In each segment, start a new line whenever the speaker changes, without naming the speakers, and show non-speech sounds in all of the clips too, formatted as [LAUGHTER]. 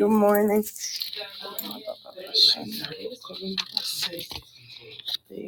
Good morning. Lege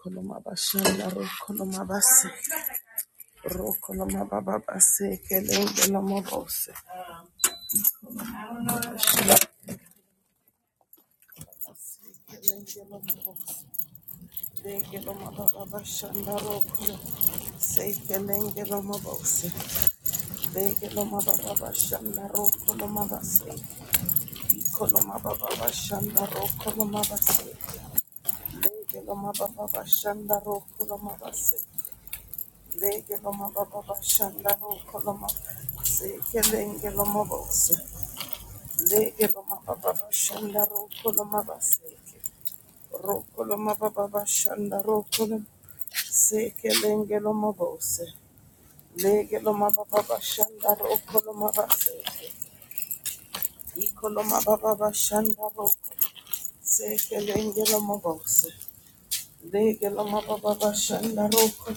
Kolomabashanda rokolomabase rokolomabababase kelengelomobose kelengelomobose degelomabababashanda rokolo se kelengelomobose degelomabababashanda rokolomabase ikolomabababashanda rokolomabase degelomabababashanda rokolomabase degelomabababashanda rokolomabase kelengelomobose Lege loma baba shanda roko loma baseke. Roko loma baba shanda roko loma seke lenge loma bose. Lege loma baba shanda roko loma baseke. Iko loma baba shanda roko seke lenge loma bose. Lege loma baba shanda roko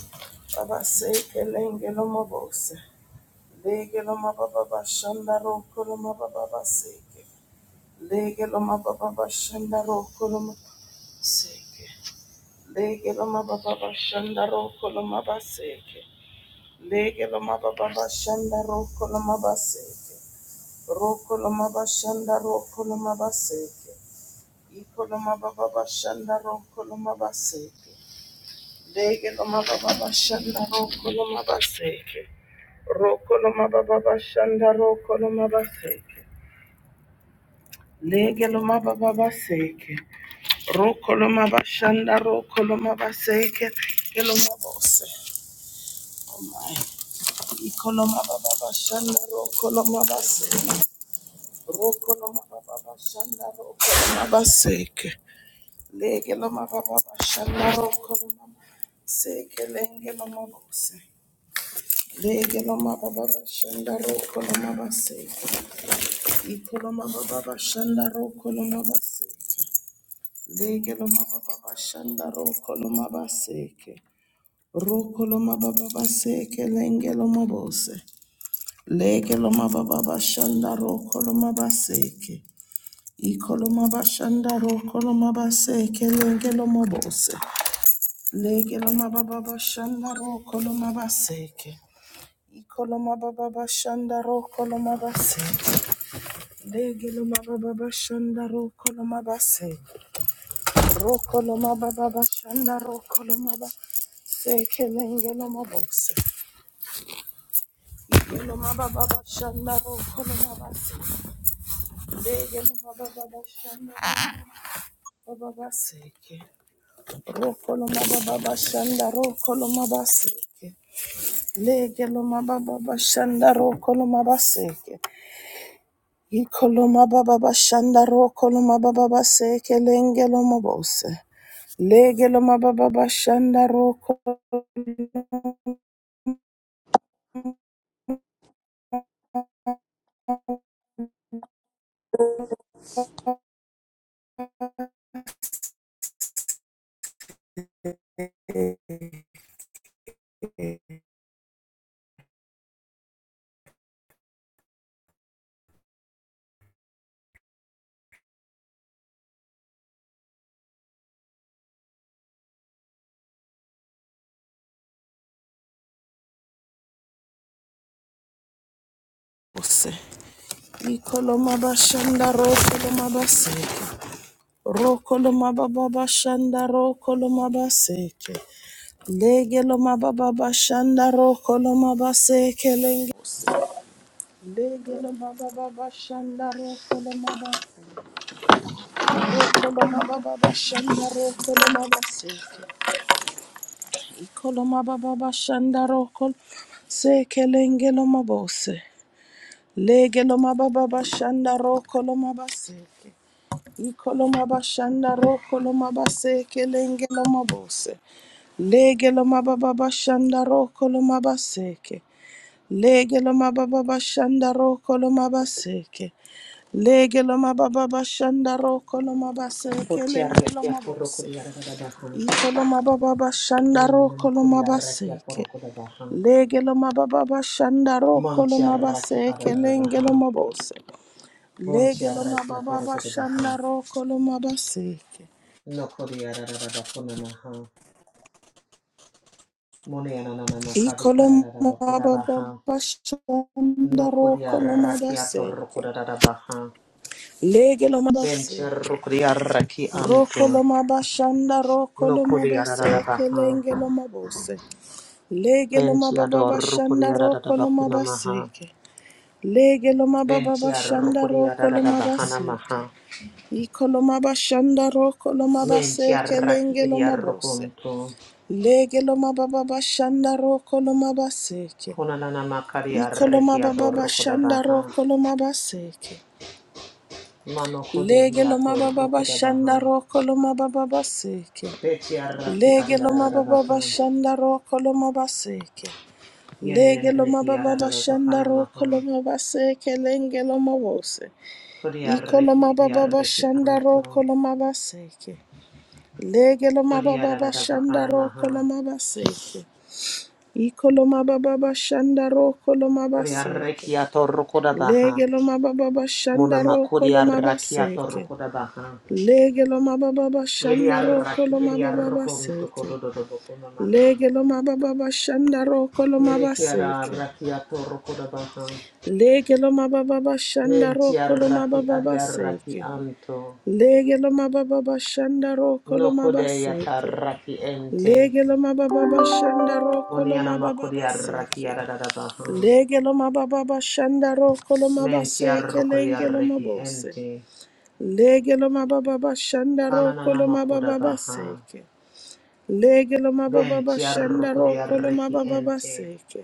baba seke lenge loma bose. Lege loma baba shanda roko loma baba baseke. Lege loma baba bashanda roko loma seke. Lege loma baba bashanda roko loma baseke. Lege loma baba bashanda roko loma baseke. Roko loma bashanda roko loma baseke. Iko loma baba bashanda roko loma baseke. Lege loma baba bashanda roko loma baseke. Roko loma baba bashanda roko loma baseke. Lege loma baba baseke. Rokoloma bashanda rokoloma baseke keloma bose. Oh my. Ikoloma baba bashanda rokoloma baseke. Rokoloma baba bashanda rokoloma baseke. Legeloma baba bashanda rokoloma seke lengeloma bose. Legeloma baba bashanda rokoloma baseke. Ikoloma baba bashanda rokoloma baseke. Legeloma baba bashanda rokoloma baseke. Rokoloma baba seke lengeloma bose. Legeloma baba shanda rokoloma baseke. Ikoloma bashanda rokoloma baseke lengeloma bose. Legeloma baba shanda rokoloma baseke. Ikoloma baba shanda rokoloma baseke. Legeloma baba shanda rokoloma baseke. Rokoloma baba shanda rokoloma baseke lengeloma bose. Legelo ma baba bashanda ro koloma baseke. Rokoloma baba shanda, rokoloma baseke legeloma baba shanda, rokoloma baseke lenge legeloma baba shanda, rokoloma baseke rokoloma baba shanda, rokoloma baseke ikoloma baba shanda, rokol seke lengeloma bose legeloma baba shanda, rokoloma baseke ikoloma bashanda rokoloma baseke lengeloma bose Lege lo mababa bashanda roko lo mabaseke. Lege lo mababa bashanda roko lo mabaseke. Lege lo mababa bashanda roko lo mabaseke.
Koti
Lenge lo
arreki atoro
mabose.
kodi arada baha.
Iko lo mababa bashanda
Nini
roko
nama
lo
kodi arreki
mabaseke.
atoro koda baha.
Lege lo mababa bashanda roko lo
Monti arreki
mabaseke.
arada
Lenge
baha.
lo mabose.
Monti
Lege lo
arreki
mababa
atoro koda baha.
bashanda roko lo mabaseke.
No kodi arada bakuna maha. Moni anana makadi arada bakuda baha. No kodi arreki atoro
Ikolomabababashandarokolomabaseke.
koda dada baha. Benti
Legelomabaseke.
arrukodi arreki anto. No kodi arada
Rokolomabashandarokolomabaseke.
baha.
Lengelomabose.
Benti adoro kodi arada bakuna maha.
Legelomabababashandarokolomabaseke.
Benti arrukodi arada bahana maha.
Legelomabababashandarokolomabaseke.
Menti
Ikolomabashandarokolomabaseke.
arraki edi
Lengelomabose.
arrokonto.
Legelomabababashandarokolomabaseke.
Konanana makari
Ikoloma
arreki
baba
adorro
bashanda
kodabaha.
ro koloma baseke.
Mano
Lege
kodehi
loma baba
atorro
bashanda
kodabaha.
ro koloma baba baseke.
Beti arraki
Lege
adi
loma baba
adadabaha.
bashanda ro koloma baseke. Lege
Yenenene
loma
mehi
baba bashanda
adadabakana
ro
maha.
koloma baseke lenge loma wose.
Kodi
Ikoloma
arreki edi
baba
arreki
bashanda ro
anto.
koloma baseke. Lege loma
Kodi
baba bashanda
adadabakana
ro
maha.
koloma baseke. Ikoloma baba bashanda ro koloma
Kodi
baseke.
arreki atorro kodabaha.
Lege lo mababa
Mona
shanda roko
makodi
lo
arraki atorro
mabaseke.
kodabaha.
Lege lo mababa
Yedi
shanda roko
arraki
lo
edi
mababa
arrokonto
seke.
kodododobokona maha.
Lege lo mababa shanda roko lo
Yene kiada
mabaseke.
rakiato rokodabaha.
Lege lo mababa shanda
Mentia
roko lo
raki
mababa
adia raki
seke.
anto.
Lege lo mababa shanda roko lo
No kodeya
mabaseke.
raki ente.
Lege lo mababa shanda roko lo
Boniana
mababa
makodia raki
seke.
adadabaha.
Lege lo mababa shanda roko lo
Mentia
mabaseke
rokodia
lenge lo
reki
mabose.
ente.
Lege lo mababa bashanda roko
Kananana
lo mababa
makodabaha.
baseke. Lege lo mababa
Ventia
bashanda
rokodia
roko lo
reki
mababa
ente.
baseke.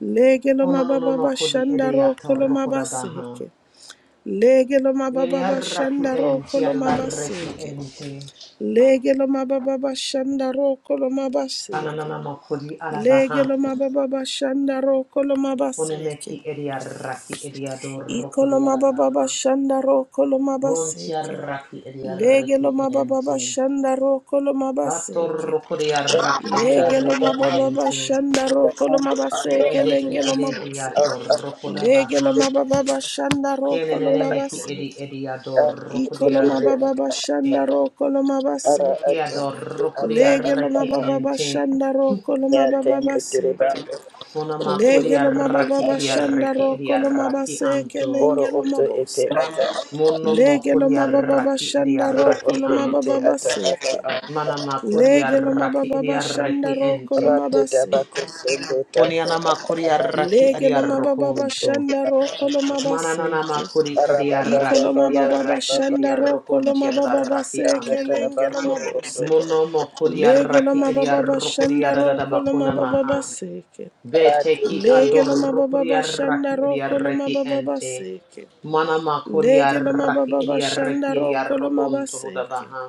Lege lo
Ononono
mababa
makodi
bashanda roko
edeyato
lo
rokodabaha.
mabaseke. Lege lo
Yene
mababa
raki
bashanda roko
ente
lo
adaraki
mabaseke.
ente.
Lege lo mababa bashanda roko lo mabaseke.
Kananana makodi
Lege
adabaha
lo mababa bashanda roko lo mabaseke.
Kunemeki ediaraki
Iko
ediadoroko
lo mababa
diarabaha.
bashanda roko lo mabaseke.
Buntiaraki ediaraki
Legelo mababa
ente.
shanda roko lo mabaseke.
Vatoroko diaraki
uchaguzi
Legelo
ediaraki
unahandu
mababa
ente.
shanda roko lo
Ki
anda
mabaseke
ate
edeki
lengelo mabose.
ara ate
edehiatoroko dabaha.
Legelo mababa shanda roko lo
anda
Kienenemeki
ate
edi
mabaseke.
ediadoroko
ate
Ikolo
ete
diaraki
mababa
ente.
shanda roko lo
ara
mabaseke.
ate
Kiadoroko
ata
Legelo
ata
diaraki
mababa
ente.
shanda roko lo
yaten
mababa
etere
seke.
bando
Kunamako
Legelo
diaraki
mababa shanda
ediaraki
roko lo
ediaraki
mabaseke
anto.
oro
lengelo
oto ete
mabose.
ata
Monomoko
Legelo mababa
diaraki
shanda
oro
roko
ediaraki
lo
ote ete
anto.
mababa
ata ata
seke.
anda
Manama kuria
Lege lo
raki
mababa
iria
bashanda
reki
roko lo
ente.
rate tabako
mabaseke.
sende tata
Kuniana
ata
makuria
ata
raki
Lege
iria
lo mababa
rokunto.
bashanda roko lo
Mananana
mabaseke.
makuri
ara
iria
baba
Iko
raki
lo
baba
iria
mababa
baba
raki
baba
bashanda
iria
roko lo
baba
rokunti atada
baba
mababa
raki
tanda
baseke
anto.
lenge lo
tarabando robondo
mabose.
Mono mokuria
Lege lo
raki iria
mababa
rokuria
bashanda
rada
roko lo
bakuna
mababa
maha.
baseke.
Beteki
rate
Lege lo mababa
adorokuria raki
bashanda
iria
roko lo
reki
mababa
ente.
baseke.
Manama kuria
Lege lo
raki
mababa
iria reki
bashanda
iria
roko lo
rokunto
mabaseke.
hudabaha.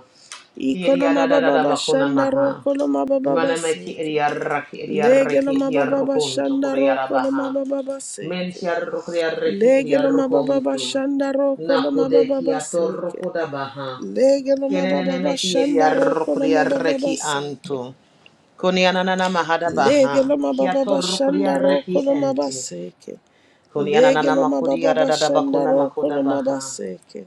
Iko lo
Kiria da da da
mababa
da bakuna
bashanda
maha.
roko lo mababa
Manameki
baseke.
Ediaraki
Lege lo
Ediaraki
mababa
Ediarukuntu
bashanda roko lo
Kuriarabaha.
mababa baseke.
Mentiarukriaraki
Lege lo mababa
Ediarukuntu.
bashanda roko lo mababa
Nakudeki
baseke.
Atorukudabaha.
Lege lo mababa
Yenenemehi
bashanda roko lo mababa
Ediarukriaraki
baseke.
Antu. Kunianana
Lege
Mahadabaha.
lo mababa bashanda roko
Kiatorukriaraki
lo
Ente.
mabaseke.
Kunianana
Lege lo mababa bashanda
Makudiaradabakuna
roko lo
Makodabaha.
mabaseke.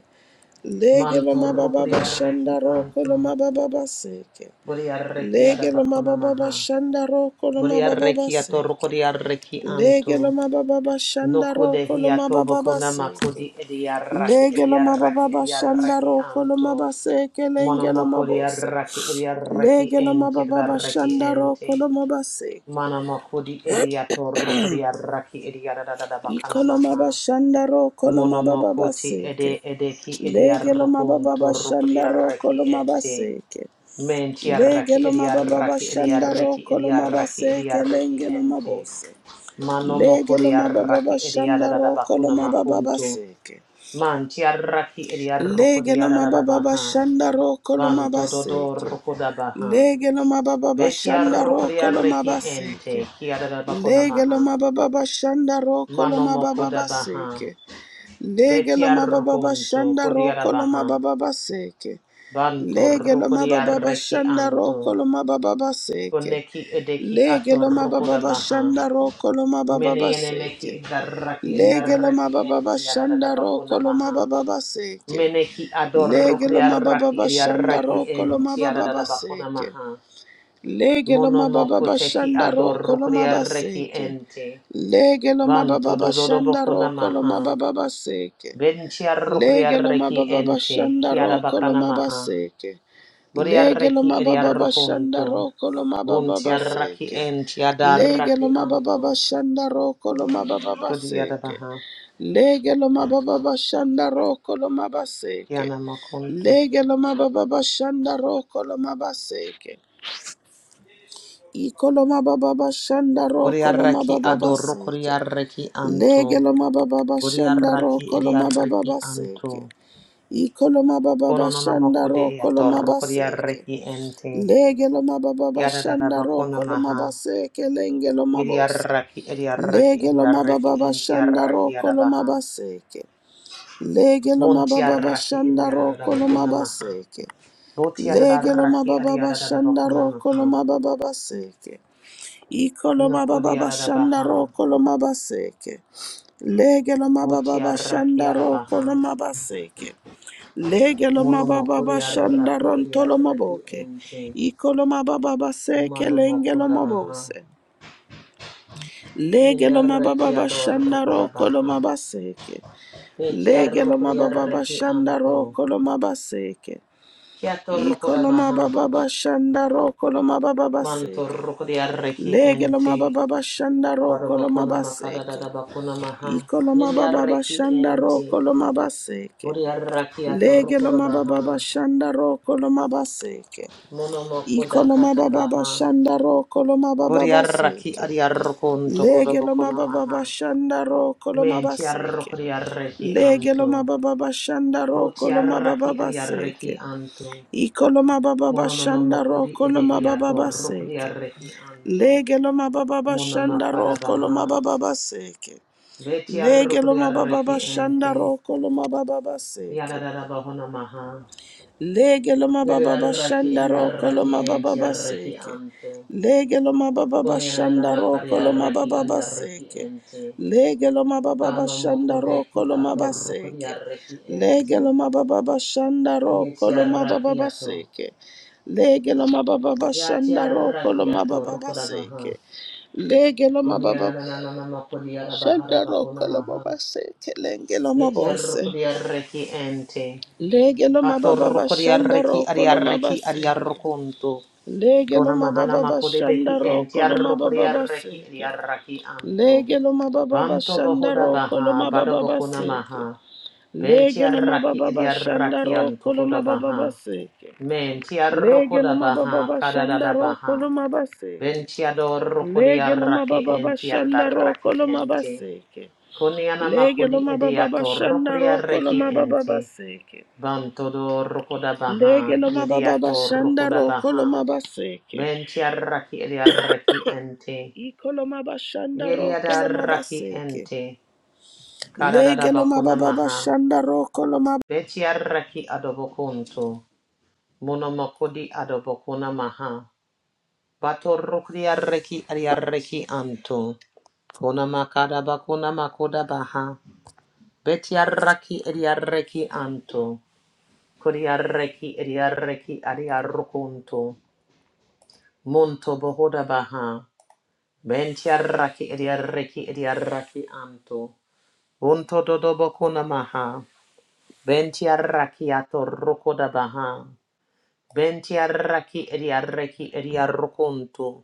Lege lo mababa bashanda
Manturukriaraki
roko lo
Antu.
mababa baseke.
Buriaraki
Lege lo
Adabakuna
mababa
Maha.
bashanda roko lo mababa
Buriaraki
baseke.
Atorukriaraki
Lege lo
Antu.
mababa shanda
Nokode
roko lo
hiatobo
mababa
konama
seke.
kodi ediaraki
Lege lo
ediaraki
mababa shanda
ediaraki
roko lo
anto.
mababa seke lenge lo
Monomokodi
mabose.
araki ediaraki
Lege lo
enti
mababa
daraki
shanda
enti.
roko lo mababa seke.
Manamokodi ediatoro kodi araki ediaradada bakana
Iko lo mababa
maha.
roko lo mababa
Monomokoti
seke.
ede edeki
Lege lo
ediarokonto
mababa
rokodi
shanda roko lo
araki
mababa
enti.
seke.
Menti
Lege
araki
lo mababa
ediaraki
shanda
ediaraki
roko lo mababa
ediaraki
seke
ediaraki
lenge lo
enti.
mabose.
Mano
Lege lo
mokori
mababa
arraki ediada
shanda
da
roko lo
bakuna
mababa
makuntu.
seke.
Man tiaraki idiaroko
Lege no mababa
diaradabaha.
bashanda roko lo
Van tododo
mabaseke.
rokodabaha.
Lege no mababa bashanda
Betiaroko
roko lo
diareki ente
mabaseke.
ki arara bakona
Lege lo
maha. Mano
mababa bashanda
kiaradabakonamaha.
roko lo mababa
Manomokodabaha.
baseke. Lege lo mababa
Betiarokunto
bashanda roko lo
kodiarabaha.
mababa baseke.
Banto
Lege lo mababa
rokodiareki
bashanda roko
anto.
lo mababa baseke.
Koneki edeki
Lege
ato
lo mababa
rokodabaha.
bashanda roko lo mababa
Meneyenemeki
baseke.
idaraki
Lege lo
idiareki
mababa
ente
bashanda roko lo
yaradadabakonamaha.
mababa baseke.
Meneki ador
Legelo mababa
kriaraki
bashanda
eriaraki
roko lo
en
mababa
tiarada bakuna
baseke.
maha.
Lege mababa
Monomoko teki
bashanda
ador
roko lo
kriaraki
mabaseke.
ente.
Legelo
Vanto
mababa
dododo
bashanda
bakuna
roko lo
maha.
mababa baseke.
Ben tiarro
Lege
kriaraki
mababa
ente.
bashanda
Kiara
roko lo
bakana maha.
mabaseke. Lege lo
Boriaraki
mababa shanda
eriarrokunto.
roko lo
Bun
mababa
tiaraki
seke.
en
Lege lo
tiadaraki
mababa
anto.
shanda roko lo mababa
Kodiada
seke.
baha.
Lege lo mababa shanda roko lo mababa seke.
Yana makunto.
Lege lo mababa shanda roko lo mababa seke. Iko lo mababa shanda roko lo
Boriaraki
mababa
ador
seke.
kriaraki
Lege
anto.
lo mababa shanda
Kuriaraki
roko lo
idiariki
mababa seke.
anto.
Iko lo mababa
Kononona
shanda
mokude
roko lo
yator
mababa
kuriariki ente.
Lege lo mababa
Yadadada
shanda
bakona
roko lo
maha.
mabase kelenge lo mabose.
Idiaraki idiariki
Lege lo
idiariki
mababa
ente
shanda
yaraki
roko lo
yadabaha.
mabaseke. Lege lo mababa
Montiaraki
shanda
idiadada
roko lo
bakona maha.
mabaseke. Lege lo
Botiadaraki
mababa
adiadada
shanda
bakona
roko lo
maha.
mababa seke. Iko lo mababa
Nokuriadada
shanda
baha.
roko lo mabaseke. Lege lo mababa
Botiaraki
shanda roko lo
yadabaha.
mabaseke. Legeloma baba ba
Monomokuriaraki
shandaron toloma
idiariki
boke.
ente.
Ikoloma baba ba seke
Monomokuda
lengeloma
baha.
bose. Legeloma baba
Viriarreki
ba
ador rokoda
shandaro koloma
baha. Betiar
Legeloma baba ba
rokodiarreki
shandaro
anto.
koloma
Kiator rokoda
Ikoloma
baha.
baba ba shandaro baba ba
Mantor rokodiarreki
Legeloma
ente.
baba ba shandaro koloma
Varobakuna makara da bakuna maha.
Ikoloma baba ba
Viriarreki
shandaro
ente.
koloma
Buriarraki ator rokoda
Legeloma baba ba
baha.
shandaro koloma
Monomokoda
Ikoloma
kata
baba
baha.
bashandaro koloma baba
Buriarraki
baseke.
adiarrokonto koda
Lege loma
bakuna
baba
maha.
bashandaro koloma baseke.
Mentiarrokodiarreki
Lege loma
anto.
baba bashandaro koloma baba
Votiarraki adiarreki
baseke.
anto.
Ikoloma baba
Mononono
bashandaro
kodi
koloma baba
edehiato rukdi
baseke.
arreki anto.
Lege loma baba
Mona
bashandaro
makarabaha.
koloma baba baseke.
Veti
Lege
arrukudi
loma baba
arreki ente.
bashandaro koloma baba baseke.
Yadadabahona maha.
Lege loma baba
Yadarraki
bashanda roko
ediarreki
loma baba
ente arreki
baseke.
anto.
Lege loma baba
Konianana
bashanda
makari
roko loma
arreki
baba
adiarreki
baseke.
ente.
Lege loma baba
Kano
bashanda roko
mokodeki
loma
ato rukdi
baseke.
arreki
Lege
ente.
loma baba bashanda roko
Yeti
loma baba
arraki ato.
baseke. Lege loma baba
Yati
bashanda roko
arraki
loma
ato
baba
rukudabaha.
baseke. Lege loma baba
Konianana makodi arabahara
shanda
bakuna
roko loma
maha.
baseke. Lenge loma
Beti
bose.
arrokodi arreki ente.
Lege lo mababa
Atorrokodi
bashanda
arreki
roko lo
ariarreki
mabaseke.
ariarrokonto.
Lege lo
Kona mahana
mababa
makode
bashanda
beki enti
roko lo
arrokodi
mababa
arreki
baseke.
ariarraki anto.
Lege lo mababa
Banto
bashanda
bohoda
roko lo
baha, bado
mababa
bokona
baseke.
maha. Benti
Lege lo
arraki
mababa bashanda
ariarraki
roko
anto
lo
koda
mababa
baha.
baseke.
Menti
Lege lo
arrokoda
mababa
baha,
bashanda
kadadada
roko
baha.
lo mabaseke.
Benti adorrokodi
Lege lo
arraki
mababa
enti
bashanda roko
arraki
lo
ente.
mabaseke.
Koniana
Lege lo
makodi
mababa bashanda
ediatorrokodi
roko lo
arreki
mababa
ente.
baseke.
Bantodo Rokoda
Lege
Baha,
lo mababa
Yediato
bashanda
Rokoda
ro kolo
Baha,
mabaseke.
Ventiaraki Ediaraki Ente,
Ikolo mabashanda ro kolo
Yediadaraki
mabaseke.
Ente, Kadada
Lege lo
Bakuna
mababa
Maha,
bashanda ro kolo mab
Vetiaraki Adobokunto, Monomokodi Adobokuna Maha, Bato Rokriaraki Adiaraki Anto, Konamakada Bakuna Makoda Baha, Vetiaraki Ediaraki Anto, Kodiaraki Ediaraki Adiarukunto, Munto bohoda baha. Ventiarraki ediarreki ediarraki anto. Unto dodobo kuna maha. Ventiarraki ato rokoda baha. Ventiarraki ediarreki ediarrokunto.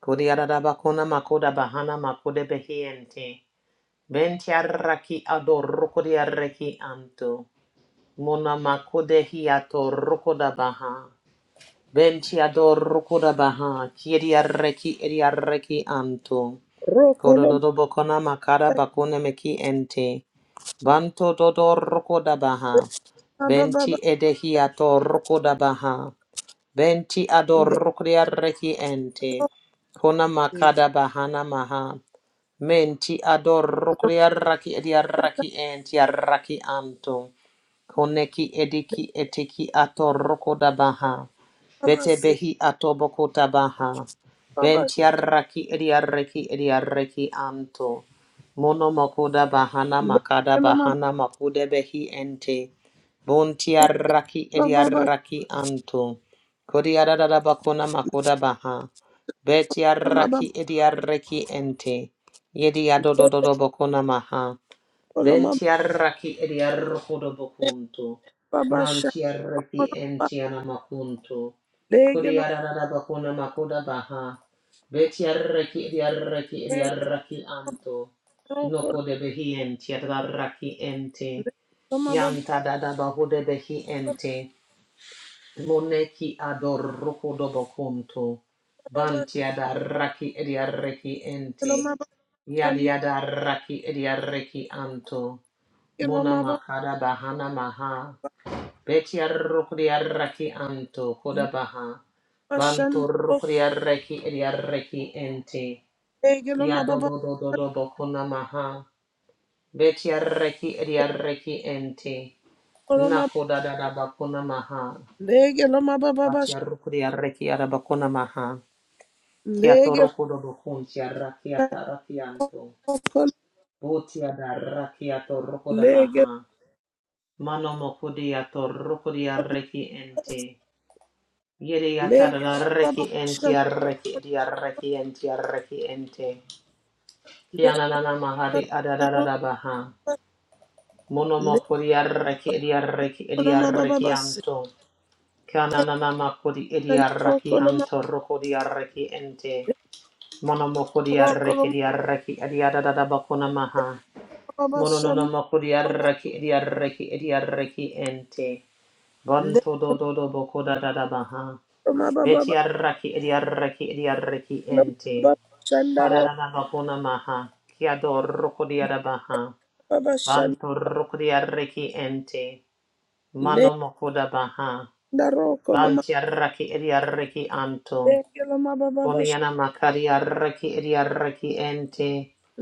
Kodiarada kuna makoda bahana makode behiente. Ventiarraki ado rokodiarreki anto. Mona makode hiato rokoda baha. Ventiador rokoda baha. Kiriarreki ediarreki anto.
ro kolo
Kododo bokona makara bakone meki ente. Banto dodo roko dabaha. Benti
mababa
edehiato roko dabaha. Benti
lege
adorokria reki ente. Kona makada bahana maha. Menti adorokria raki edia raki ente ya raki anto. Koneki ediki etiki ato roko da baha. Bete
mabase
behi ato boko da baha.
baba
Bentiaraki ediareki ediareki anto. Mono makoda bahana makada
lege lo mababa
bahana makude behi ente. Bontiaraki
bashanda
ediaraki anto. Kodiarada bakona makoda baha.
mababa
Betiaraki ediareki ente. Yedi adododo bokona maha.
kolo mababa
Bentiarraki ediarrocodoboconto.
bashanda
Mantiarraki
kolo mab
entianamaconto.
lege lo
Codiarabacona macoda baha. Betiarraki ediarraki
lege
ediarraki anto.
ro kolo
Noco de behi entiarraki ente.
lege lo mababa
Yanta da da baho de behi ente. Moneki adorrocodoboconto.
baba
Bantiadarraki ediarraki
kolo
ente.
mabashanda
Yadiadarraki ediarraki anto.
kolo
Mona
mababa
makara bahana maha. Betia raki anto koda baha. Banto
bashanda ro
rukriaraki eriaraki ente.
lege lo
Ya do
mababa
do do do do bokuna maha. Betia reki eriaraki ente.
kolo
Nakoda da da bakuna maha.
Lege lo ma ba ba ba
Batia
sh-
rukriaraki arabakuna maha. Kia
lege
toroko do bokuntia rakiata rakianto.
lo ko
Botia da rakiato roko da
lege
baha. Mano Manomokudia torukudia reki ente. Yedia
lege
tada
lo ma ba ba
reki
ba shan
ente
ro
arreki di reki ente arreki ente. Kianana
ka
mahari
shan ro
adadada baha.
lege
Monomokudia reki di reki di
lo ma ba ba
reki
ba se
anto. Kianana makudi di
shan ro
reki
ko lo ma
anto rukudia reki ente. Mono
ba ba
Monomokudia
ko lo
reki
ma
dia reki dia dada bakuna maha.
ba ba ba shan
Monononomokudia
ro ma
reki di reki di reki ente.
lege
Banto do do do boko da da da baha.
lo ma ba ba
Beti
ba
arraki edi arraki edi arraki
lo ma
ente.
ba ba shan da
Kada
ro
da da bakuna maha. Kia do roko di ada baha.
ba ba shan
Banto roko di arraki ente. Mano
lege
moko da baha.
da ro ko lo ma
Banti arraki edi arraki anto.
lege lo ma ba ba ba sh-
Koniana makari arraki edi arraki ente.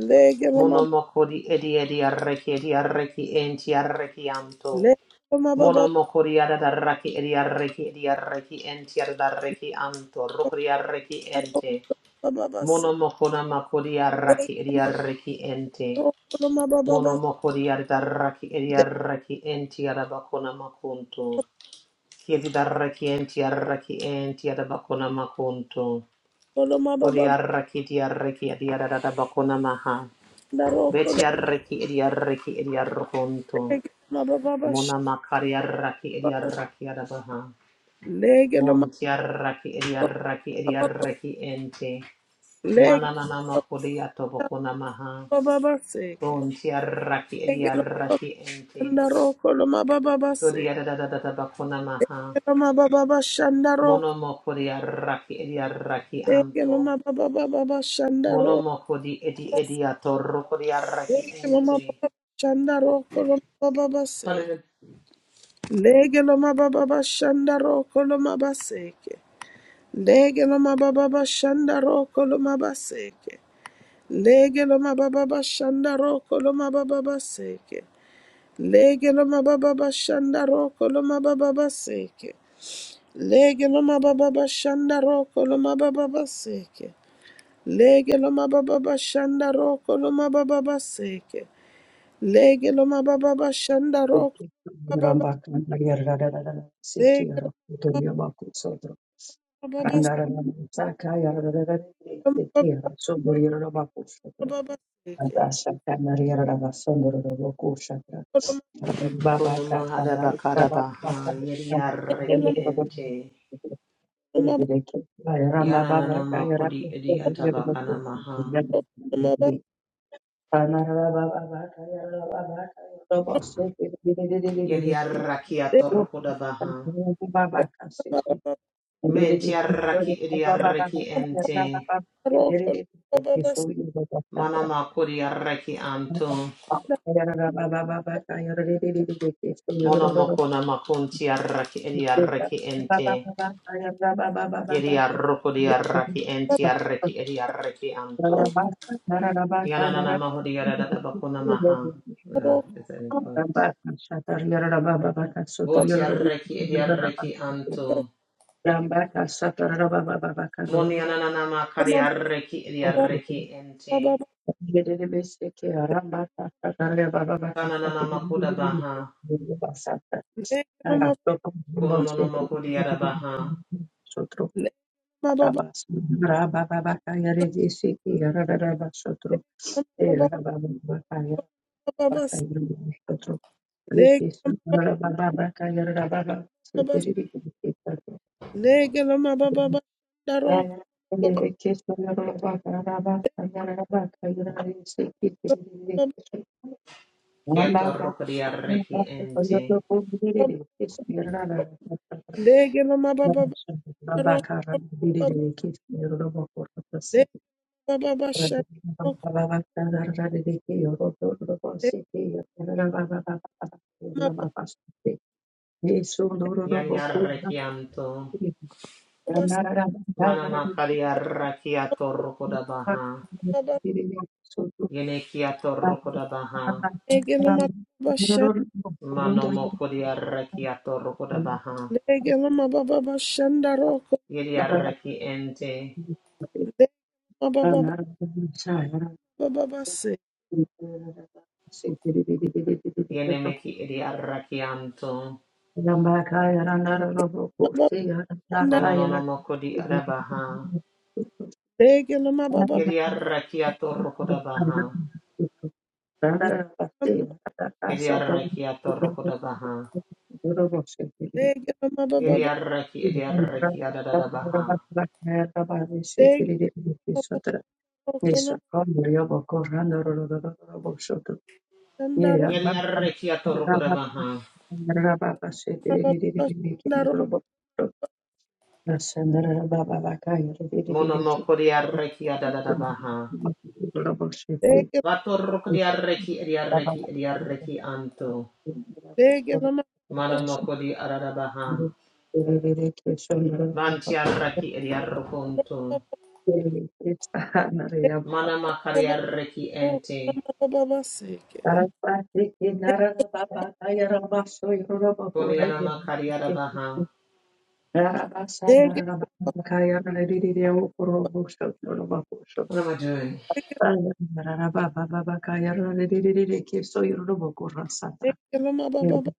lege lo ma
Mono moko di edi edi arraki edi arraki enti arraki anto.
lege lo ma ba ba
Monomokoriada daraki iri araki iri araki enti araraki anto
ba
rukiri araki
da ro
enti
ba ba ba se
monomokona makori araki
lege lo
iri
ma
araki enti
ro ko lo ma ba ba ba
monomokoriada daraki iri araki enti arabakona makonto
lege
kiri daraki enti araki enti arabakona makonto
ko lo ma ba
kori
ba ba
araki ti araki ti arada arabakona ma ha
da ro
beti araki iri araki iri arakonto
Leg la ba ba ba sha
mona makari araki
ba
iri
ba.
araki arabaha.
Leg la ma
Montiarraki
ba
Ediarraki
ba ba.
Ediarraki Ente
Leg
Mananana Makodia
la
Tobokuna Maha
ba ba ba seke.
Montiarraki
Leg la ma
Ediarraki Ente
shanda roko la ma ba ba ba seke.
Kodiadadadada Bakuna Maha
La ma ba ba ba shanda roko.
Monomokodiarraki Ediarraki
Leg la
Anto
ma ba ba ba ba ba shanda roko.
Monomokodi Edi Ediator Kodiarraki
Leg la ma
Ente
ba ba shanda roko la ma ba ba ba seke.
Kuna
Leg la ma Leg mababa bashanda roko lo Lege loma baba bashanda roko loma baba baseke. Lege loma baba bashanda roko loma baba baseke. Lege loma baba bashanda roko loma baba baseke. Lege loma baba bashanda roko baba ba- lege loma baba bas- loma baba baseke.
Mahada Bakada Baha
lege
Yediarraki
loma
Ente
baba
Yananana Makodi Ediatabakana Maha
roko loma ba-
Yedi arraki
lege
atorokoda baha.
loma baba
Menti arraki edi arraki ente.
roko loma baba bas-
Mana makuri arraki anto. Mono mokona makunti arraki edi arraki ente. Yedi arrokodi arraki enti arraki edi arraki anto.
baba
Yananana mahodi yarada bakuna maha. Yeah,
roko
at any point. Boti arraki edi arraki anto. Moni ananana makari
loma
arraki edi
baba
arraki
baba
ente.
ba-
Kananana makuda baha.
lege lo
Kono no no moko di arabaha.
mababa Babas, leg, babas, leg, loma, babas, darok, babas, babas,
Kieto roko di arreki ente.
leg, loma, babas, darok, babas, leg, babas, shanok, leg, babas,
Yari arreki anto. Mana makari arreki ato roko da baha.
babas,
Yene ki ato roko da baha.
leg, loma, babas, shan,
Mano moko di arreki ato roko da baha.
leg, loma, babas, shandarok,
Yeri arreki ente.
leg, babas, babas, babas,
Yene meki edi arreki anto. Kono no no moko di arabaha.
leg, loma, babas,
Yeri arreki ato roko da baha. Yeri arreki ato roko da baha.
leg, loma,
Yeri
babas,
arreki edi arreki adada baha.
leg, babas, shandarok,
Yeri arrekia toroko da baha.
babas, shandarok,
Mono moko di arrekia da da da baha. Vato roko di arreki edi arreki edi arreki anto.
Dege lama baba
Mano moko di arada baha. Vanti arreki edi arrokonto. Mana makari
baba
arreki
roko
ente.
lama baba baseke.
Koni ana makari arada baha.
Dege
What am I doing?
dege lama baba baba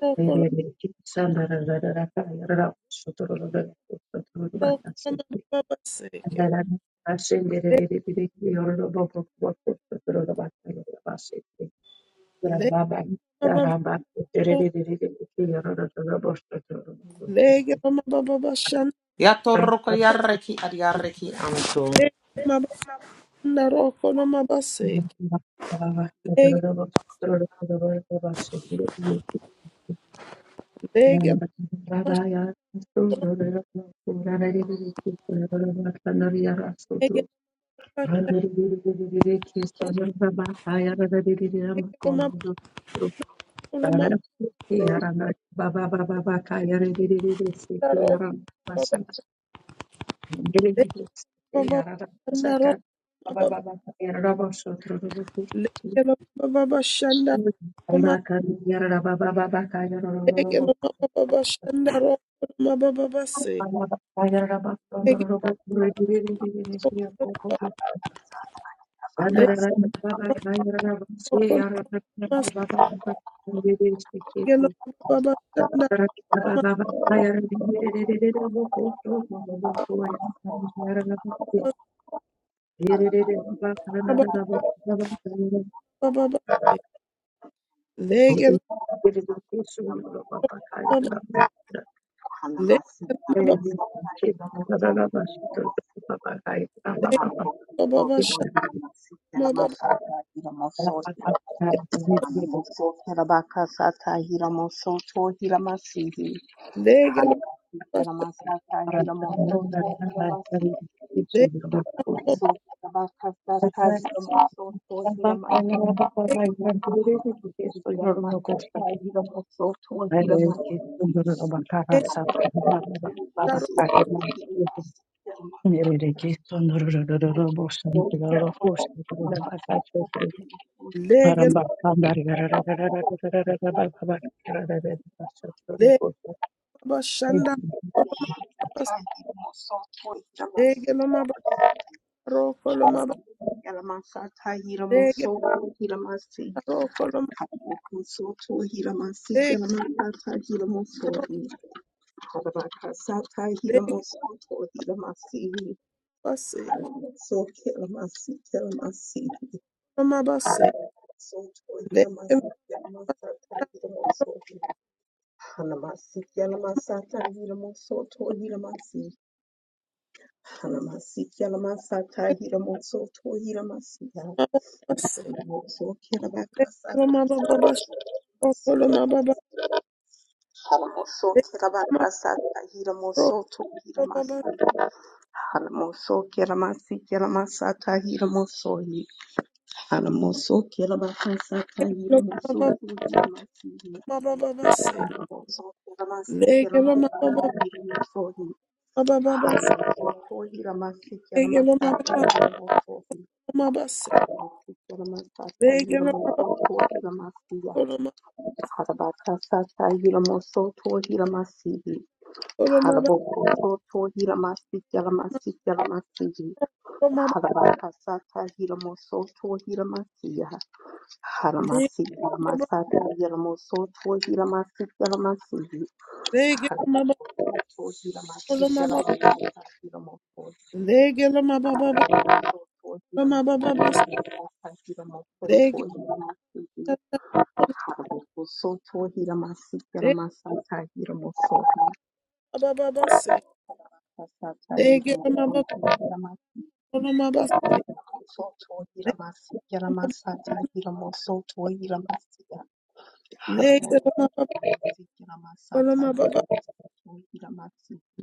roko roko lama baba baseke. Lege baba lege lama baba bashan
Ya toroko di arreki edi arreki anto.
lege lama baba roko lama baseke. Lege lege lama sholo lege lama sholo lege lama baba lama baseke. Roko baba lege baba shanda roko baba lege lama baba shanda Legelo mababa shanda rokolo mababa base. Legelo rokolo mababa
Hira
legelo mababa shanda mababa mababa base. Legelo mababa legelo mababa legelo mababa shanda mababa legelo mababa shanda legelo legelo rokolo legelo legelo mababa shanda rokolo
Hanamasiki,
mababa base. Legelo mababa rokolo mababa legelo rokolo mababa legelo rokolo legelo base. Le ma
Yalamasata, Yilamoso, Tohilamasi, Hanamasikia Lamasata Hiramoso to Hiramasia
baba se
Hanamoso
lo
Kirabakasata
ma baba baba shoko
hiramasi.
lo ma baba
Hanamoso
le ma
Kirabakasata
pro
Hiramoso to
lo baba
Hiramasata Hanamoso Kiramasikia Lamasata Hiramoso hi. Hanamoso Kirabakasata
lo ma
Hiramoso
baba
to Hiramasia
ma baba baba se
Hanamoso
le
Kiramasikia
ke lo ma
Lamasata
baba
Hiramoso hi.
ma baba baba se
Hanamoso Kiramasikia
le ke lo ma
Lamasata
baba
Hiramoso hi.
lo ma baba se
Harabatasa
le ke lo ma baba
Yuramoto Hiramasiya.
lo ma
Harabatasa Yuramoso Hiramasihi.
lo ma baba
Harabokoto Hiramasi
ma
Yalamasi Yalamasihi.
lo ma baba
Harabatasa Yuramoso Hiramasiya.
le
Haramasi
ma baba
Yalamasata Yuramoso Hiramasi Yalamasihi.
le ke lo ma baba
Harabokoto Hiramasi
lo ma baba
Yalamasa Yuramoto Hiramasi
le ke lo ma baba baba lo ma baba baba se
Yalamasa Yuramoto
le ke lo ma baba
Soto hira masika hira
le
masata hira mosoto
ma baba baba se
masata
le
hira
ke lo ma
mosoto
baba
hira masika
lo ma
soto hira masika hira masata hira mosoto hira masika hara mosoto
Legelo
hira masata
Koloma
hira
baba
mosoto hira masika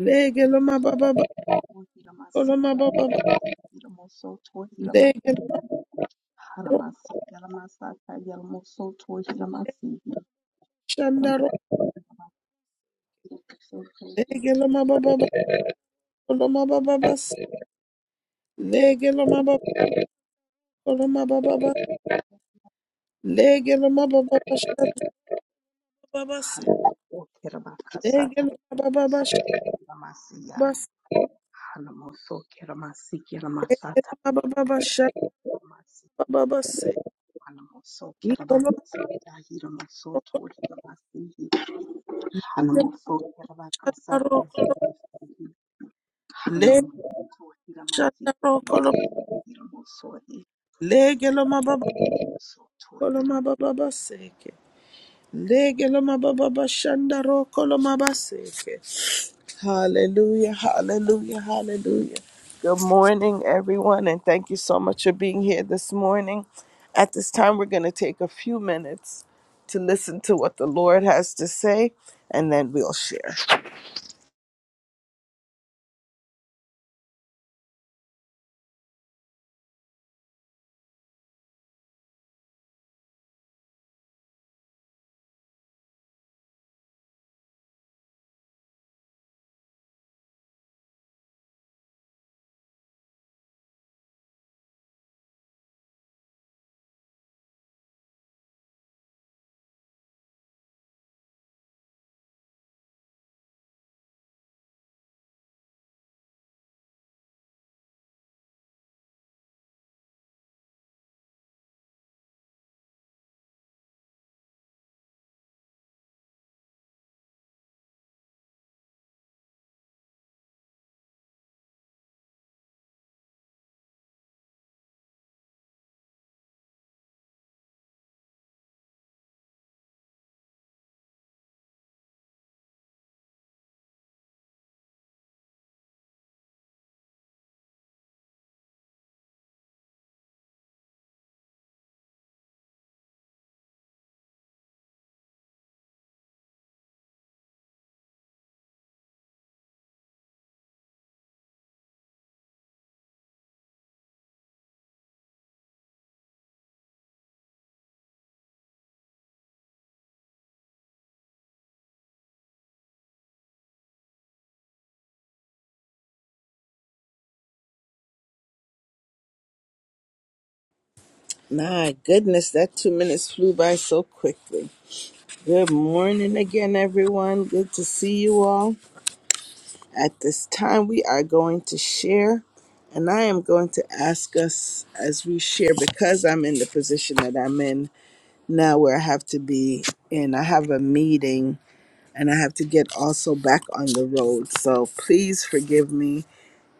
lege loma baba ba-
hira
koloma
masika
baba ba-
hira mosoto hira
lege
masika hara
ro
masika hira masata hira mosoto hira masika hara
shanda ro
mosoto hira masika
lege loma baba ba- koloma baba bas lege loma baba koloma baba ba- lege loma baba ba- shanda baba bas lege
Okeramakasata
loma baba ba- shanda
Ramasiya
bas
Hanamoso Keramasi
lege
Keramasata
loma baba ba- shanda
Ramasi
baba bas
Hanamoso
i koloma
Keramakasata Hiramoso
baba
Tori Ramasi
ba- shanda ro koloma lege shanda ro koloma lege loma baba koloma baba bas Legeloma baba shandaro koloma baseke. Hallelujah, hallelujah, hallelujah. Good morning, everyone, and thank you so much for being here this morning. At this time, we're going to take a few minutes to listen to what the Lord has to say, and then we'll share. My goodness, that two minutes flew by so quickly. Good morning again, everyone. Good to see you all. At this time, we are going to share, and I am going to ask us as we share because I'm in the position that I'm in now where I have to be in. I have a meeting and I have to get also back on the road. So please forgive me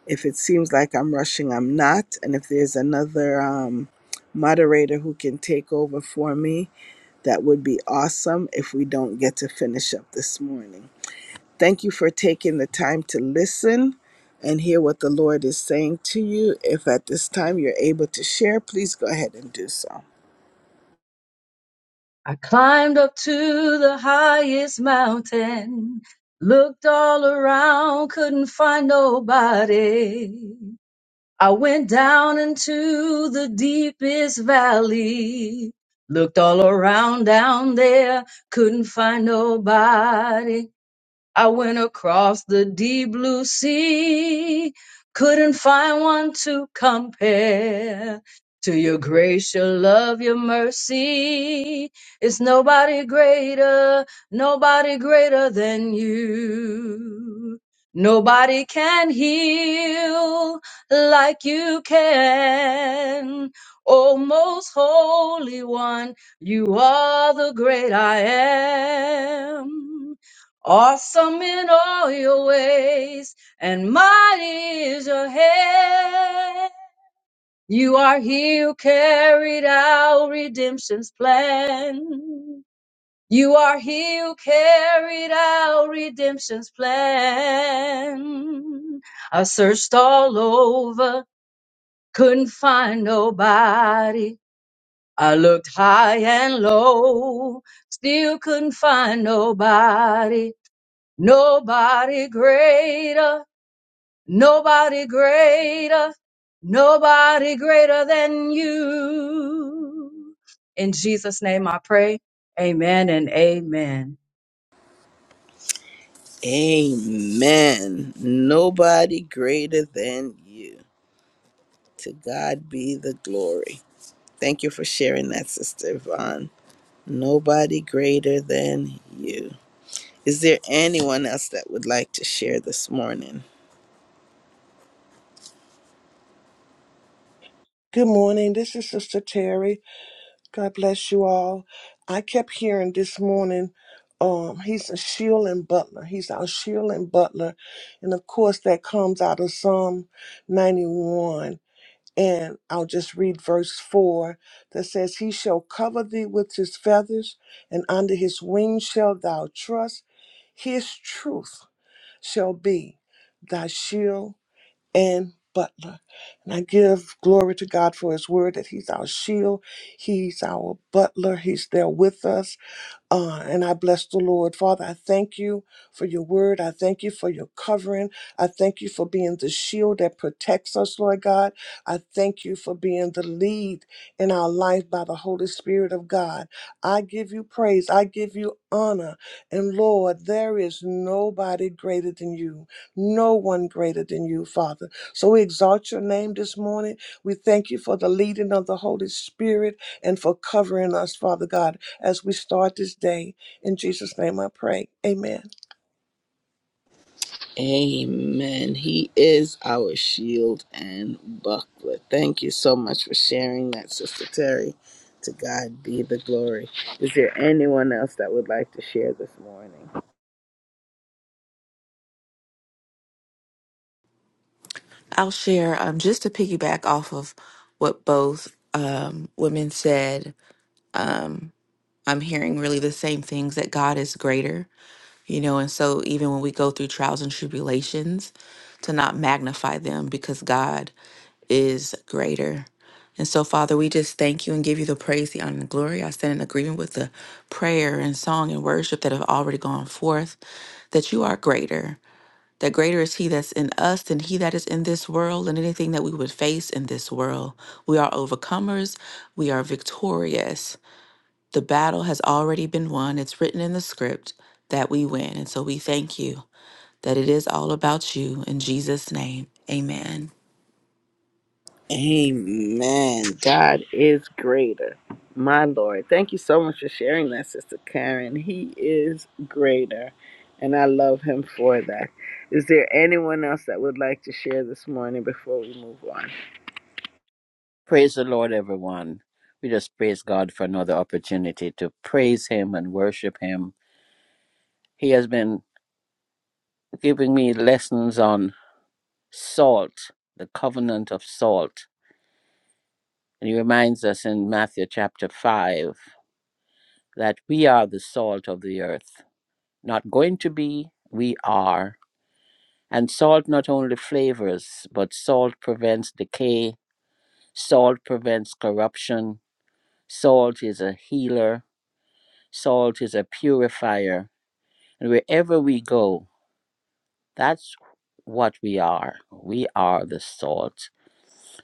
if it seems like I'm rushing, I'm not. And if there's another um, moderator who can take over for me, that would be awesome if we don't get to finish up this morning. Thank you for taking the time to listen and hear what the Lord is saying to you. If at this time you're able to share, please go ahead and do so.
I climbed up to the highest mountain, looked all around, couldn't find nobody. I went down into the deepest valley, looked all around down there, couldn't find nobody. I went across the deep blue sea, couldn't find one to compare to your grace, your love, your mercy. It's nobody greater, nobody greater than you. Nobody can heal like you can. Oh, most holy one, you are the great I am. Awesome in all your ways, and mighty is your hand. You are he who carried out redemption's plan. You are he who carried out redemption's plan. I searched all over, couldn't find nobody. I looked high and low, still couldn't find nobody. Nobody greater, nobody greater, nobody greater than you. In Jesus' name I pray. Amen and amen.
Amen. Nobody greater than you. To God be the glory. Thank you for sharing that, Sister Yvonne. Nobody greater than you. Is there anyone else that would like to share this morning?
Good morning. This is Sister Terry. God bless you all. I kept hearing this morning, um, he's a shield and butler. He's our shield and butler. And of course, that comes out of Psalm 91. And I'll just read verse 4 that says, He shall cover thee with his feathers, and under his wings shall thou trust. His truth shall be thy shield and butler. And I give glory to God for his word that he's our shield, he's our butler, he's there with us. Uh, and I bless the Lord. Father, I thank you for your word. I thank you for your covering. I thank you for being the shield that protects us, Lord God. I thank you for being the lead in our life by the Holy Spirit of God. I give you praise. I give you honor. And Lord, there is nobody greater than you, no one greater than you, Father. So we exalt your name this morning. We thank you for the leading of the Holy Spirit and for covering us, Father God as we start this day. In Jesus' name I pray. Amen.
Amen. He is our shield and buckler. Thank you so much for sharing that, Sister Terry. To God be the glory. Is there anyone else that would like to share this morning?
I'll share um, just to piggyback off of what both um, women said. I'm hearing really the same things that God is greater, you know, and so even when we go through trials and tribulations, to not magnify them because God is greater. And so, Father, we just thank you and give you the praise, the honor, and the glory. I stand in agreement with the prayer and song and worship that have already gone forth, that you are greater that greater is he that's in us than he that is in this world and anything that we would face in this world. We are overcomers, we are victorious. The battle has already been won. It's written in the script that we win. And so we thank you that it is all about you in Jesus' name. Amen.
Amen. God is greater. My Lord. Thank you so much for sharing that, Sister Karen. He is greater. And I love him for that. Is there anyone else that would like to share this morning before we move on?
Praise the Lord, everyone. We just praise God for another opportunity to praise Him and worship Him. He has been giving me lessons on salt, the covenant of salt. And He reminds us in Matthew chapter 5 that we are the salt of the earth. Not going to be, we are. And salt not only flavors, but salt prevents decay, salt prevents corruption, salt is a healer, salt is a purifier And wherever we go, that's what we are. We are the salt.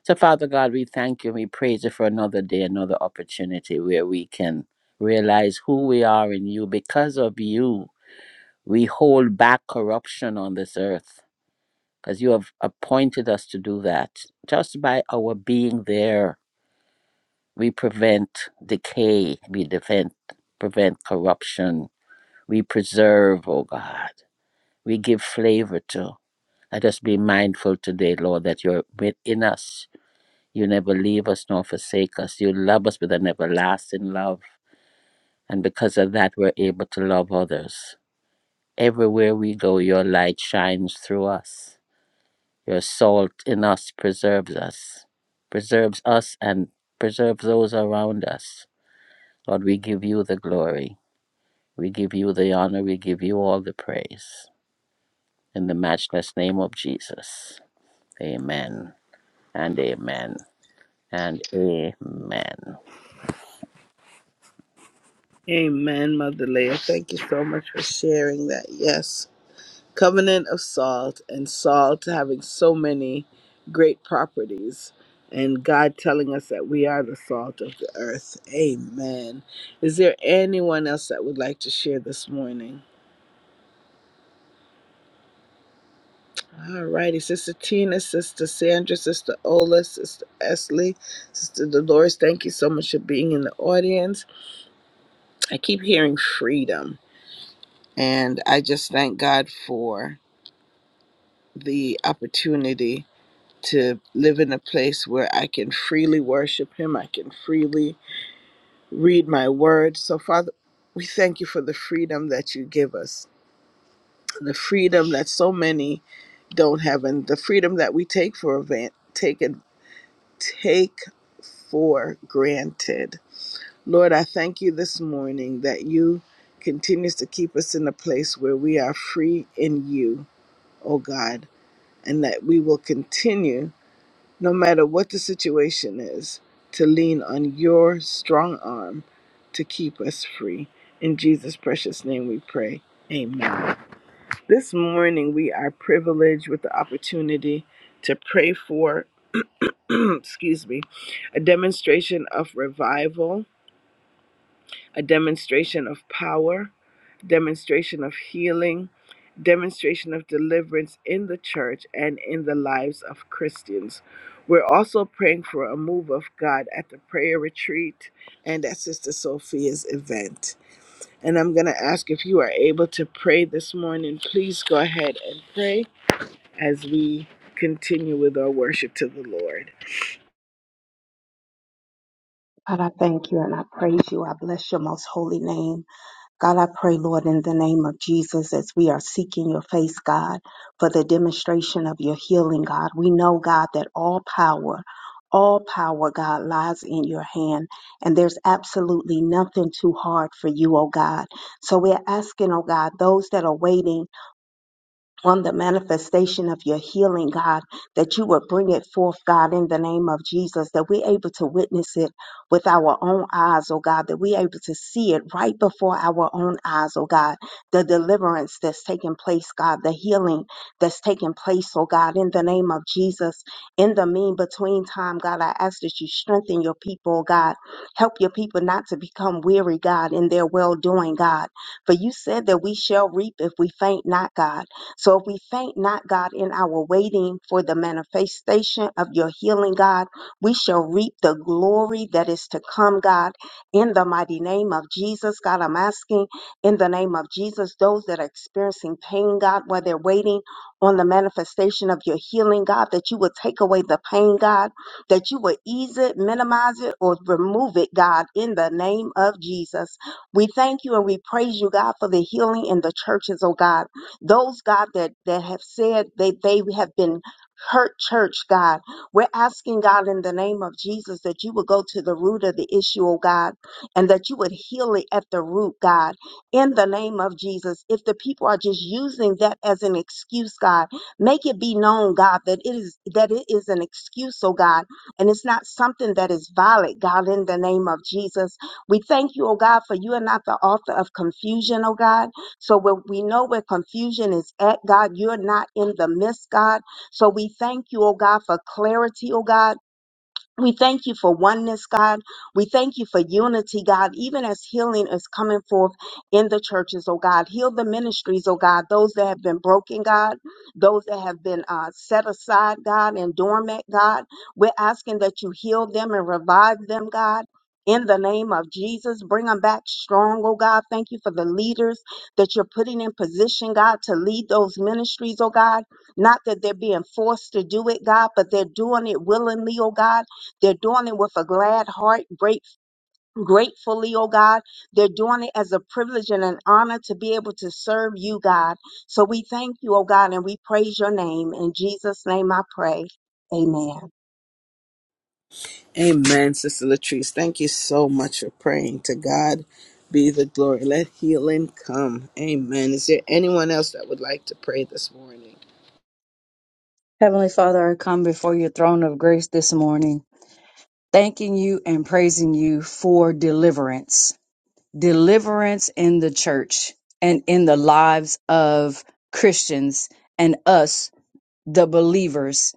So, Father God, we thank you and we praise you for another day, another opportunity where we can realize who we are in you. Because of you, we hold back corruption on this earth because you have appointed us to do that. Just by our being there, we prevent decay, we prevent, prevent corruption, we preserve, oh God, we give flavor to. Let us be mindful today, Lord, that you're within us. You never leave us nor forsake us. You love us with an everlasting love. And because of that, we're able to love others. Everywhere we go, your light shines through us. Your salt in us preserves us, preserves us and preserves those around us. Lord, we give you the glory. We give you the honor. We give you all the praise. In the matchless name of Jesus. Amen and amen. and amen.
Amen, Mother Leah. Thank you so much for sharing that. Yes, covenant of salt and salt having so many great properties, and God telling us that we are the salt of the earth. Amen. Is there anyone else that would like to share this morning? All righty, Sister Tina, Sister Sandra, Sister Ola, Sister Esley, Sister Dolores, thank you so much for being in the audience. I keep hearing freedom, and I just thank God for. the opportunity to live in a place where I can freely worship Him, I can freely read my word. So, Father, we thank you for the freedom that you give us, the freedom that so many don't have, and the freedom that we take for event, take it, take for granted. Lord, I thank you this morning that you continues to keep us in a place where we are free in you, oh God, and that we will continue no matter what the situation is, to lean on your strong arm to keep us free. In Jesus' precious name we pray. Amen. This morning we are privileged with the opportunity to pray for, [CLEARS THROAT] excuse me, a demonstration of revival a demonstration of power, demonstration of healing, demonstration of deliverance in the church and in the lives of Christians. We're also praying for a move of God at the prayer retreat and at Sister Sophia's event. And I'm going to ask if you are able to pray this morning, please go ahead and pray as we continue with our worship to the Lord.
God, I thank you and I praise you. I bless your most holy name. God, I pray, Lord, in the name of Jesus, as we are seeking your face, God, for the demonstration of your healing, God. We know, God, that all power, all power, God, lies in your hand, and there's absolutely nothing too hard for you, oh God. So we're asking, oh God, those that are waiting on the manifestation of your healing, God, that you would bring it forth, God, in the name of Jesus, that we're able to witness it with our own eyes, oh God, that we're able to see it right before our own eyes, oh God, the deliverance that's taking place, God, the healing that's taking place, oh God, in the name of Jesus. In the mean between time, God, I ask that you strengthen your people, oh God. Help your people not to become weary, God, in their well doing, God. For you said that we shall reap if we faint not, God. So if we faint not, God, in our waiting for the manifestation of your healing, God, we shall reap the glory that is to come, God, in the mighty name of Jesus. God, I'm asking in the name of Jesus, those that are experiencing pain, God, while they're waiting on the manifestation of your healing, God, that you will take away the pain, God, that you will ease it, minimize it, or remove it, God, in the name of Jesus. We thank you and we praise you, God, for the healing in the churches, oh God. Those, God, that, that have said that they have been hurt, church, God, we're asking, God, in the name of Jesus, that you would go to the root of the issue, oh God, and that you would heal it at the root, God, in the name of Jesus. If the people are just using that as an excuse, God, make it be known, God, that it is that it is an excuse, oh God, and it's not something that is valid, God, in the name of Jesus. We thank you, oh God, for you are not the author of confusion, oh God. So when we know where confusion is at, God, you're not in the midst, God. So we thank you, oh God, for clarity, oh God. We thank you for oneness, God. We thank you for unity, God, even as healing is coming forth in the churches, oh God. Heal the ministries, oh God, those that have been broken, God, those that have been uh, set aside, God, and dormant, God. We're asking that you heal them and revive them, God. In the name of Jesus, bring them back strong, oh God. Thank you for the leaders that you're putting in position, God, to lead those ministries, oh God. Not that they're being forced to do it, God, but they're doing it willingly, oh God they're doing it with a glad heart, great, gratefully, oh God. They're doing it as a privilege and an honor to be able to serve you, God. So we thank you, oh God, and we praise your name. In Jesus' name I pray. Amen.
Amen, Sister Latrice. Thank you so much for praying. To God be the glory. Let healing come. Amen. Is there anyone else that would like to pray this morning?
Heavenly Father, I come before your throne of grace this morning, thanking you and praising you for deliverance, deliverance in the church and in the lives of Christians and us the believers.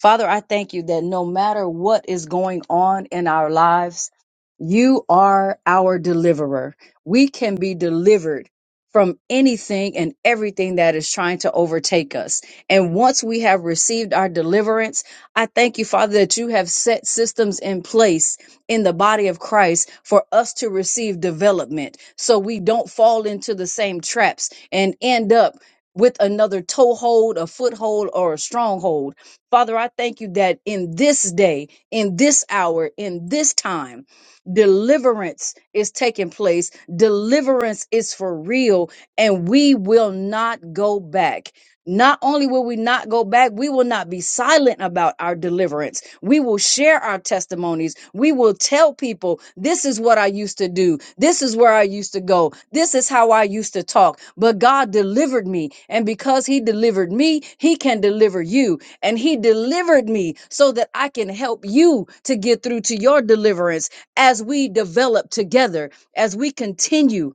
Father, I thank you that no matter what is going on in our lives, you are our deliverer. We can be delivered from anything and everything that is trying to overtake us. And once we have received our deliverance, I thank you, Father, that you have set systems in place in the body of Christ for us to receive development so we don't fall into the same traps and end up with another toehold, a foothold, or a stronghold. Father, I thank you that in this day, in this hour, in this time, deliverance is taking place. Deliverance is for real, and we will not go back. Not only will we not go back, we will not be silent about our deliverance. We will share our testimonies. We will tell people, this is what I used to do. This is where I used to go. This is how I used to talk. But God delivered me. And because He delivered me, He can deliver you. And He delivered me so that I can help you to get through to your deliverance as we develop together, as we continue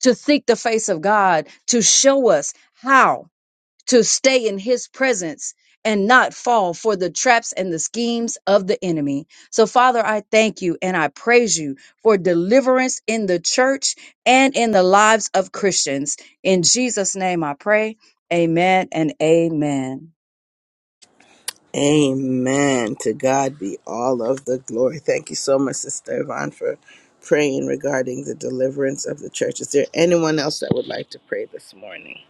to seek the face of God to show us how to stay in his presence and not fall for the traps and the schemes of the enemy. So, Father, I thank you and I praise you for deliverance in the church and in the lives of Christians. In Jesus' name I pray. Amen and amen.
Amen. To God be all of the glory. Thank you so much, Sister Yvonne, for praying regarding the deliverance of the church. Is there anyone else that would like to pray this morning?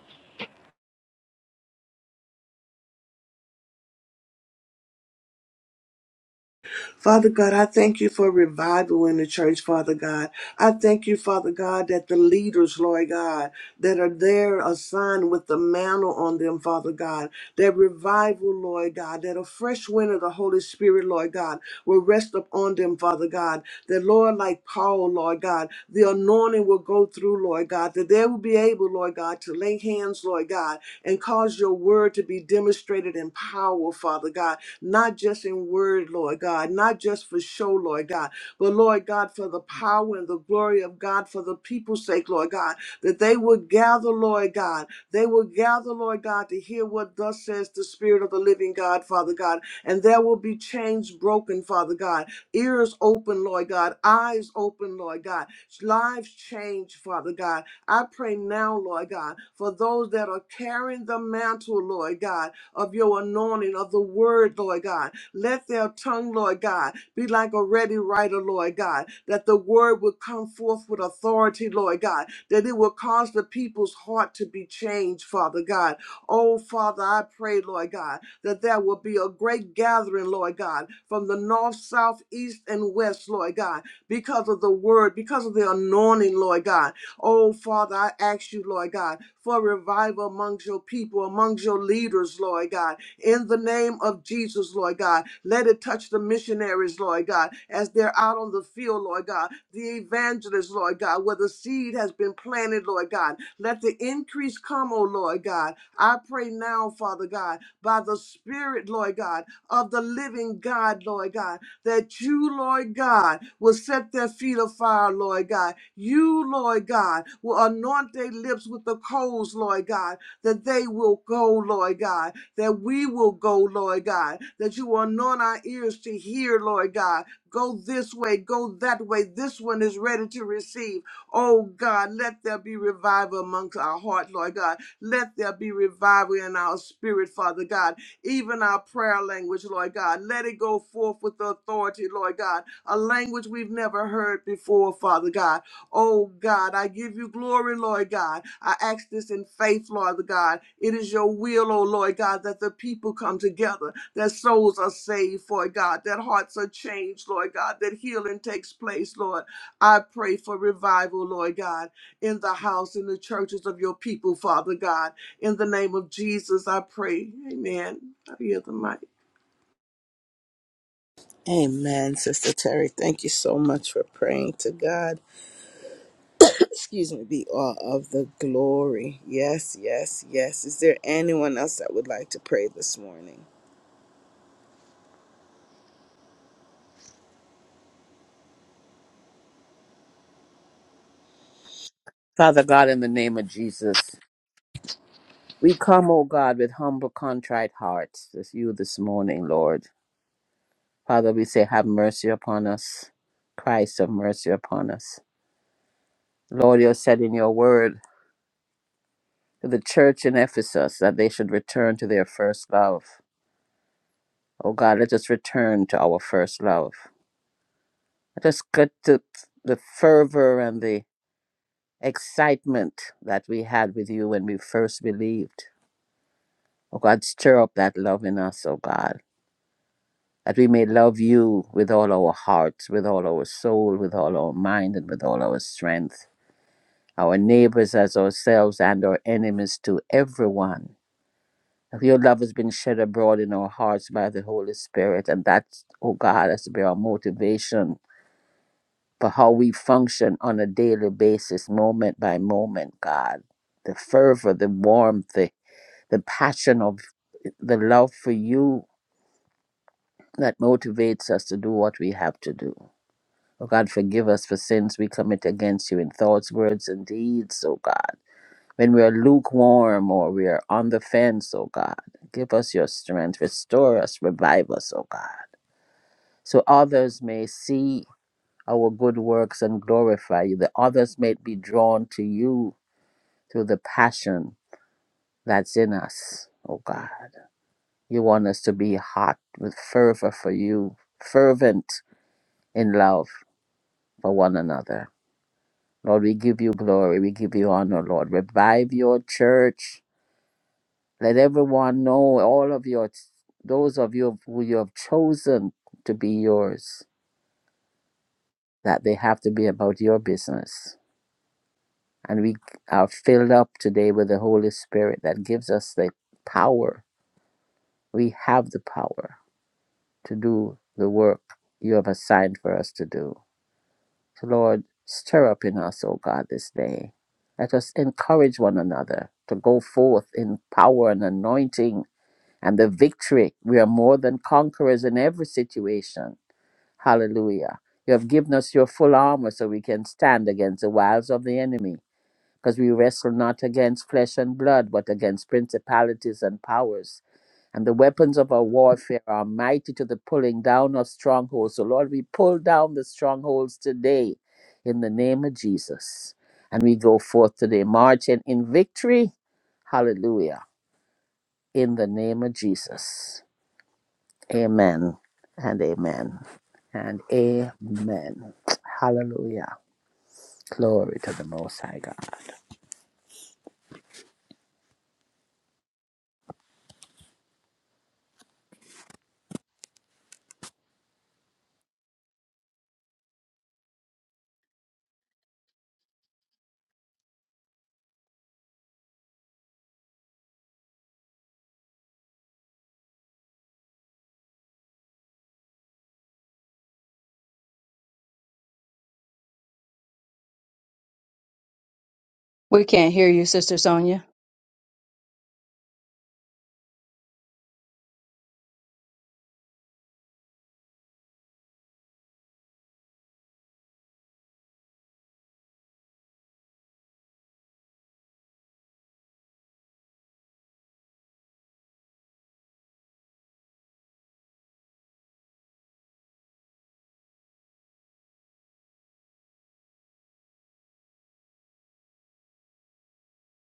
Father God, I thank you for revival in the church, Father God. I thank you, Father God, that the leaders, Lord God, that are there assigned with the mantle on them, Father God, that revival, Lord God, that a fresh wind of the Holy Spirit, Lord God, will rest upon them, Father God. That, Lord, like Paul, Lord God, the anointing will go through, Lord God, that they will be able, Lord God, to lay hands, Lord God, and cause your word to be demonstrated in power, Father God not just in word, Lord God, not just for show, Lord God, but Lord God, for the power and the glory of God, for the people's sake, Lord God, that they would gather, Lord God. They will gather, Lord God, to hear what thus says the Spirit of the living God, Father God. And there will be chains broken, Father God. Ears open, Lord God. Eyes open, Lord God. Lives change, Father God. I pray now, Lord God, for those that are carrying the mantle, Lord God of your anointing of the word, Lord God. Let their tongue, Lord God, be like a ready writer, Lord God, that the word will come forth with authority, Lord God, that it will cause the people's heart to be changed, Father God. Oh, Father, I pray, Lord God, that there will be a great gathering, Lord God, from the north, south, east, and west, Lord God, because of the word, because of the anointing, Lord God. Oh, Father, I ask you, Lord God, for revival amongst your people, amongst your leaders, Lord God. In the name of Jesus, Lord God, let it touch the missionaries, Lord God, as they're out on the field, Lord God, the evangelists, Lord God, where the seed has been planted, Lord God. Let the increase come, oh Lord God. I pray now, Father God, by the Spirit, Lord God, of the living God, Lord God, that you, Lord God, will set their feet afire, Lord God, you, Lord God, will anoint their lips with the coals, Lord God, that they will go, Lord God, that we will go, Lord God, that you will anoint our ears to hear, Lord God. Go this way, go that way. This one is ready to receive. Oh God, let there be revival amongst our heart, Lord God. Let there be revival in our spirit, Father God. Even our prayer language, Lord God. Let it go forth with authority, Lord God. A language we've never heard before, Father God. Oh God, I give you glory, Lord God. I ask this in faith, Lord God. It is your will, oh Lord God, that the people come together, that souls are saved, for God, that hearts are changed, Lord God, that healing takes place, Lord. I pray for revival, Lord God, in the house, in the churches of your people, Father God. In the name of Jesus, I pray. Amen. I hear the mic.
Amen, Sister Terry. Thank you so much for praying. To God excuse me, be all of the glory. Yes, yes, yes. Is there anyone else that would like to pray this morning?
Father God, in the name of Jesus, we come, O God, with humble, contrite hearts to you this morning, Lord. Father, we say, have mercy upon us. Christ, have mercy upon us. Lord, you said in your word to the church in Ephesus that they should return to their first love. O God, let us return to our first love. Let us get to the fervor and the excitement that we had with you when we first believed. Oh God, stir up that love in us, oh God, that we may love you with all our hearts, with all our soul, with all our mind, and with all our strength, our neighbors as ourselves and our enemies to everyone. That your love has been shed abroad in our hearts by the Holy Spirit, and that, oh God, has to be our motivation for how we function on a daily basis, moment by moment, God. The fervor, the warmth, the, the passion of the love for you that motivates us to do what we have to do. Oh God, forgive us for sins we commit against you in thoughts, words, and deeds, oh God. When we are lukewarm or we are on the fence, oh God, give us your strength, restore us, revive us, oh God, so others may see our good works and glorify you, that others may be drawn to you through the passion that's in us, oh God. You want us to be hot with fervor for you, fervent in love for one another. Lord, we give you glory. We give you honor, Lord. Revive your church. Let everyone know, all of your, those of you who you have chosen to be yours, that they have to be about your business. And we are filled up today with the Holy Spirit that gives us the power. We have the power to do the work you have assigned for us to do. Lord, stir up in us, O God, this day. Let us encourage one another to go forth in power and anointing and the victory. We are more than conquerors in every situation. Hallelujah. You have given us your full armor so we can stand against the wiles of the enemy because we wrestle not against flesh and blood, but against principalities and powers. And the weapons of our warfare are mighty to the pulling down of strongholds. So, Lord, we pull down the strongholds today in the name of Jesus. And we go forth today, marching in victory. Hallelujah. In the name of Jesus. Amen and amen and amen. Hallelujah. Glory to the Most High God.
We can't hear you, Sister Sonia.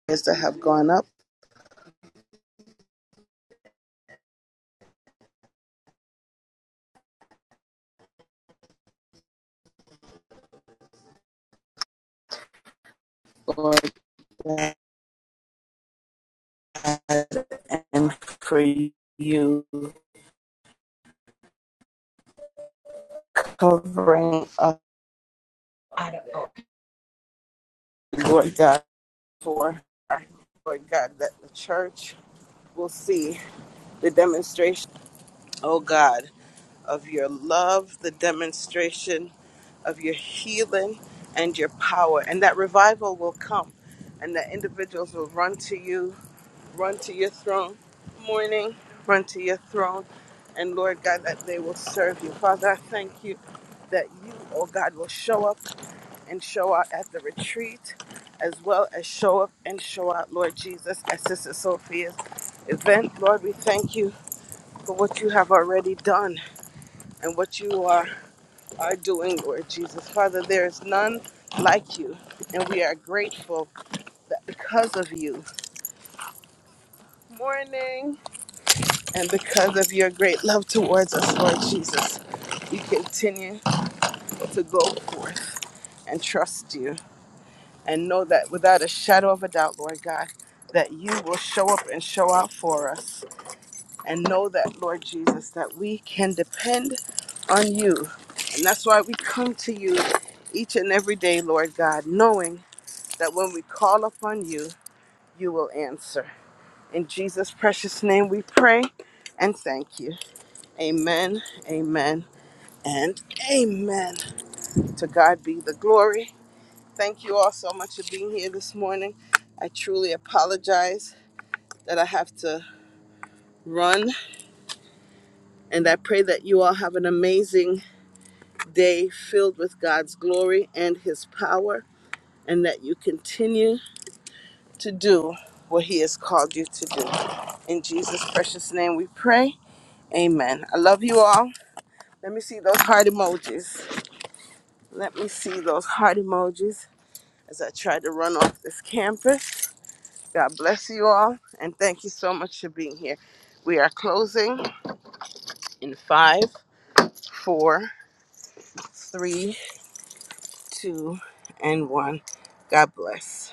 Prayers that have gone up, Lord God, and for you covering up, Lord God, for our- Lord God, that the church will see the demonstration, oh God, of your love, the demonstration of your healing and your power. And that revival will come, and that individuals will run to you, run to your throne, morning, run to your throne. And Lord God, that they will serve you. Father, I thank you that you, oh God, will show up and show out at the retreat, as well as show up and show out, Lord Jesus, at Sister Sophia's event. Lord, we thank you for what you have already done and what you are are doing, Lord Jesus. Father, there is none like you, and we are grateful that because of you, morning, and because of your great love towards us, Lord Jesus, we continue to go forth and trust you and know that without a shadow of a doubt, Lord God, that you will show up and show out for us. And know that, Lord Jesus, that we can depend on you. And that's why we come to you each and every day, Lord God, knowing that when we call upon you, you will answer. In Jesus' precious name we pray and thank you. Amen, amen, and amen. To God be the glory. Thank you all so much for being here this morning. I truly apologize that I have to run, and I pray that you all have an amazing day filled with God's glory and His power, and that you continue to do what He has called you to do. In Jesus' precious name we pray Amen. I love you all. Let me see those heart emojis. Let me see those heart emojis as I try to run off this campus. God bless you all and thank you so much for being here. We are closing in five, four, three, two, and one. God bless.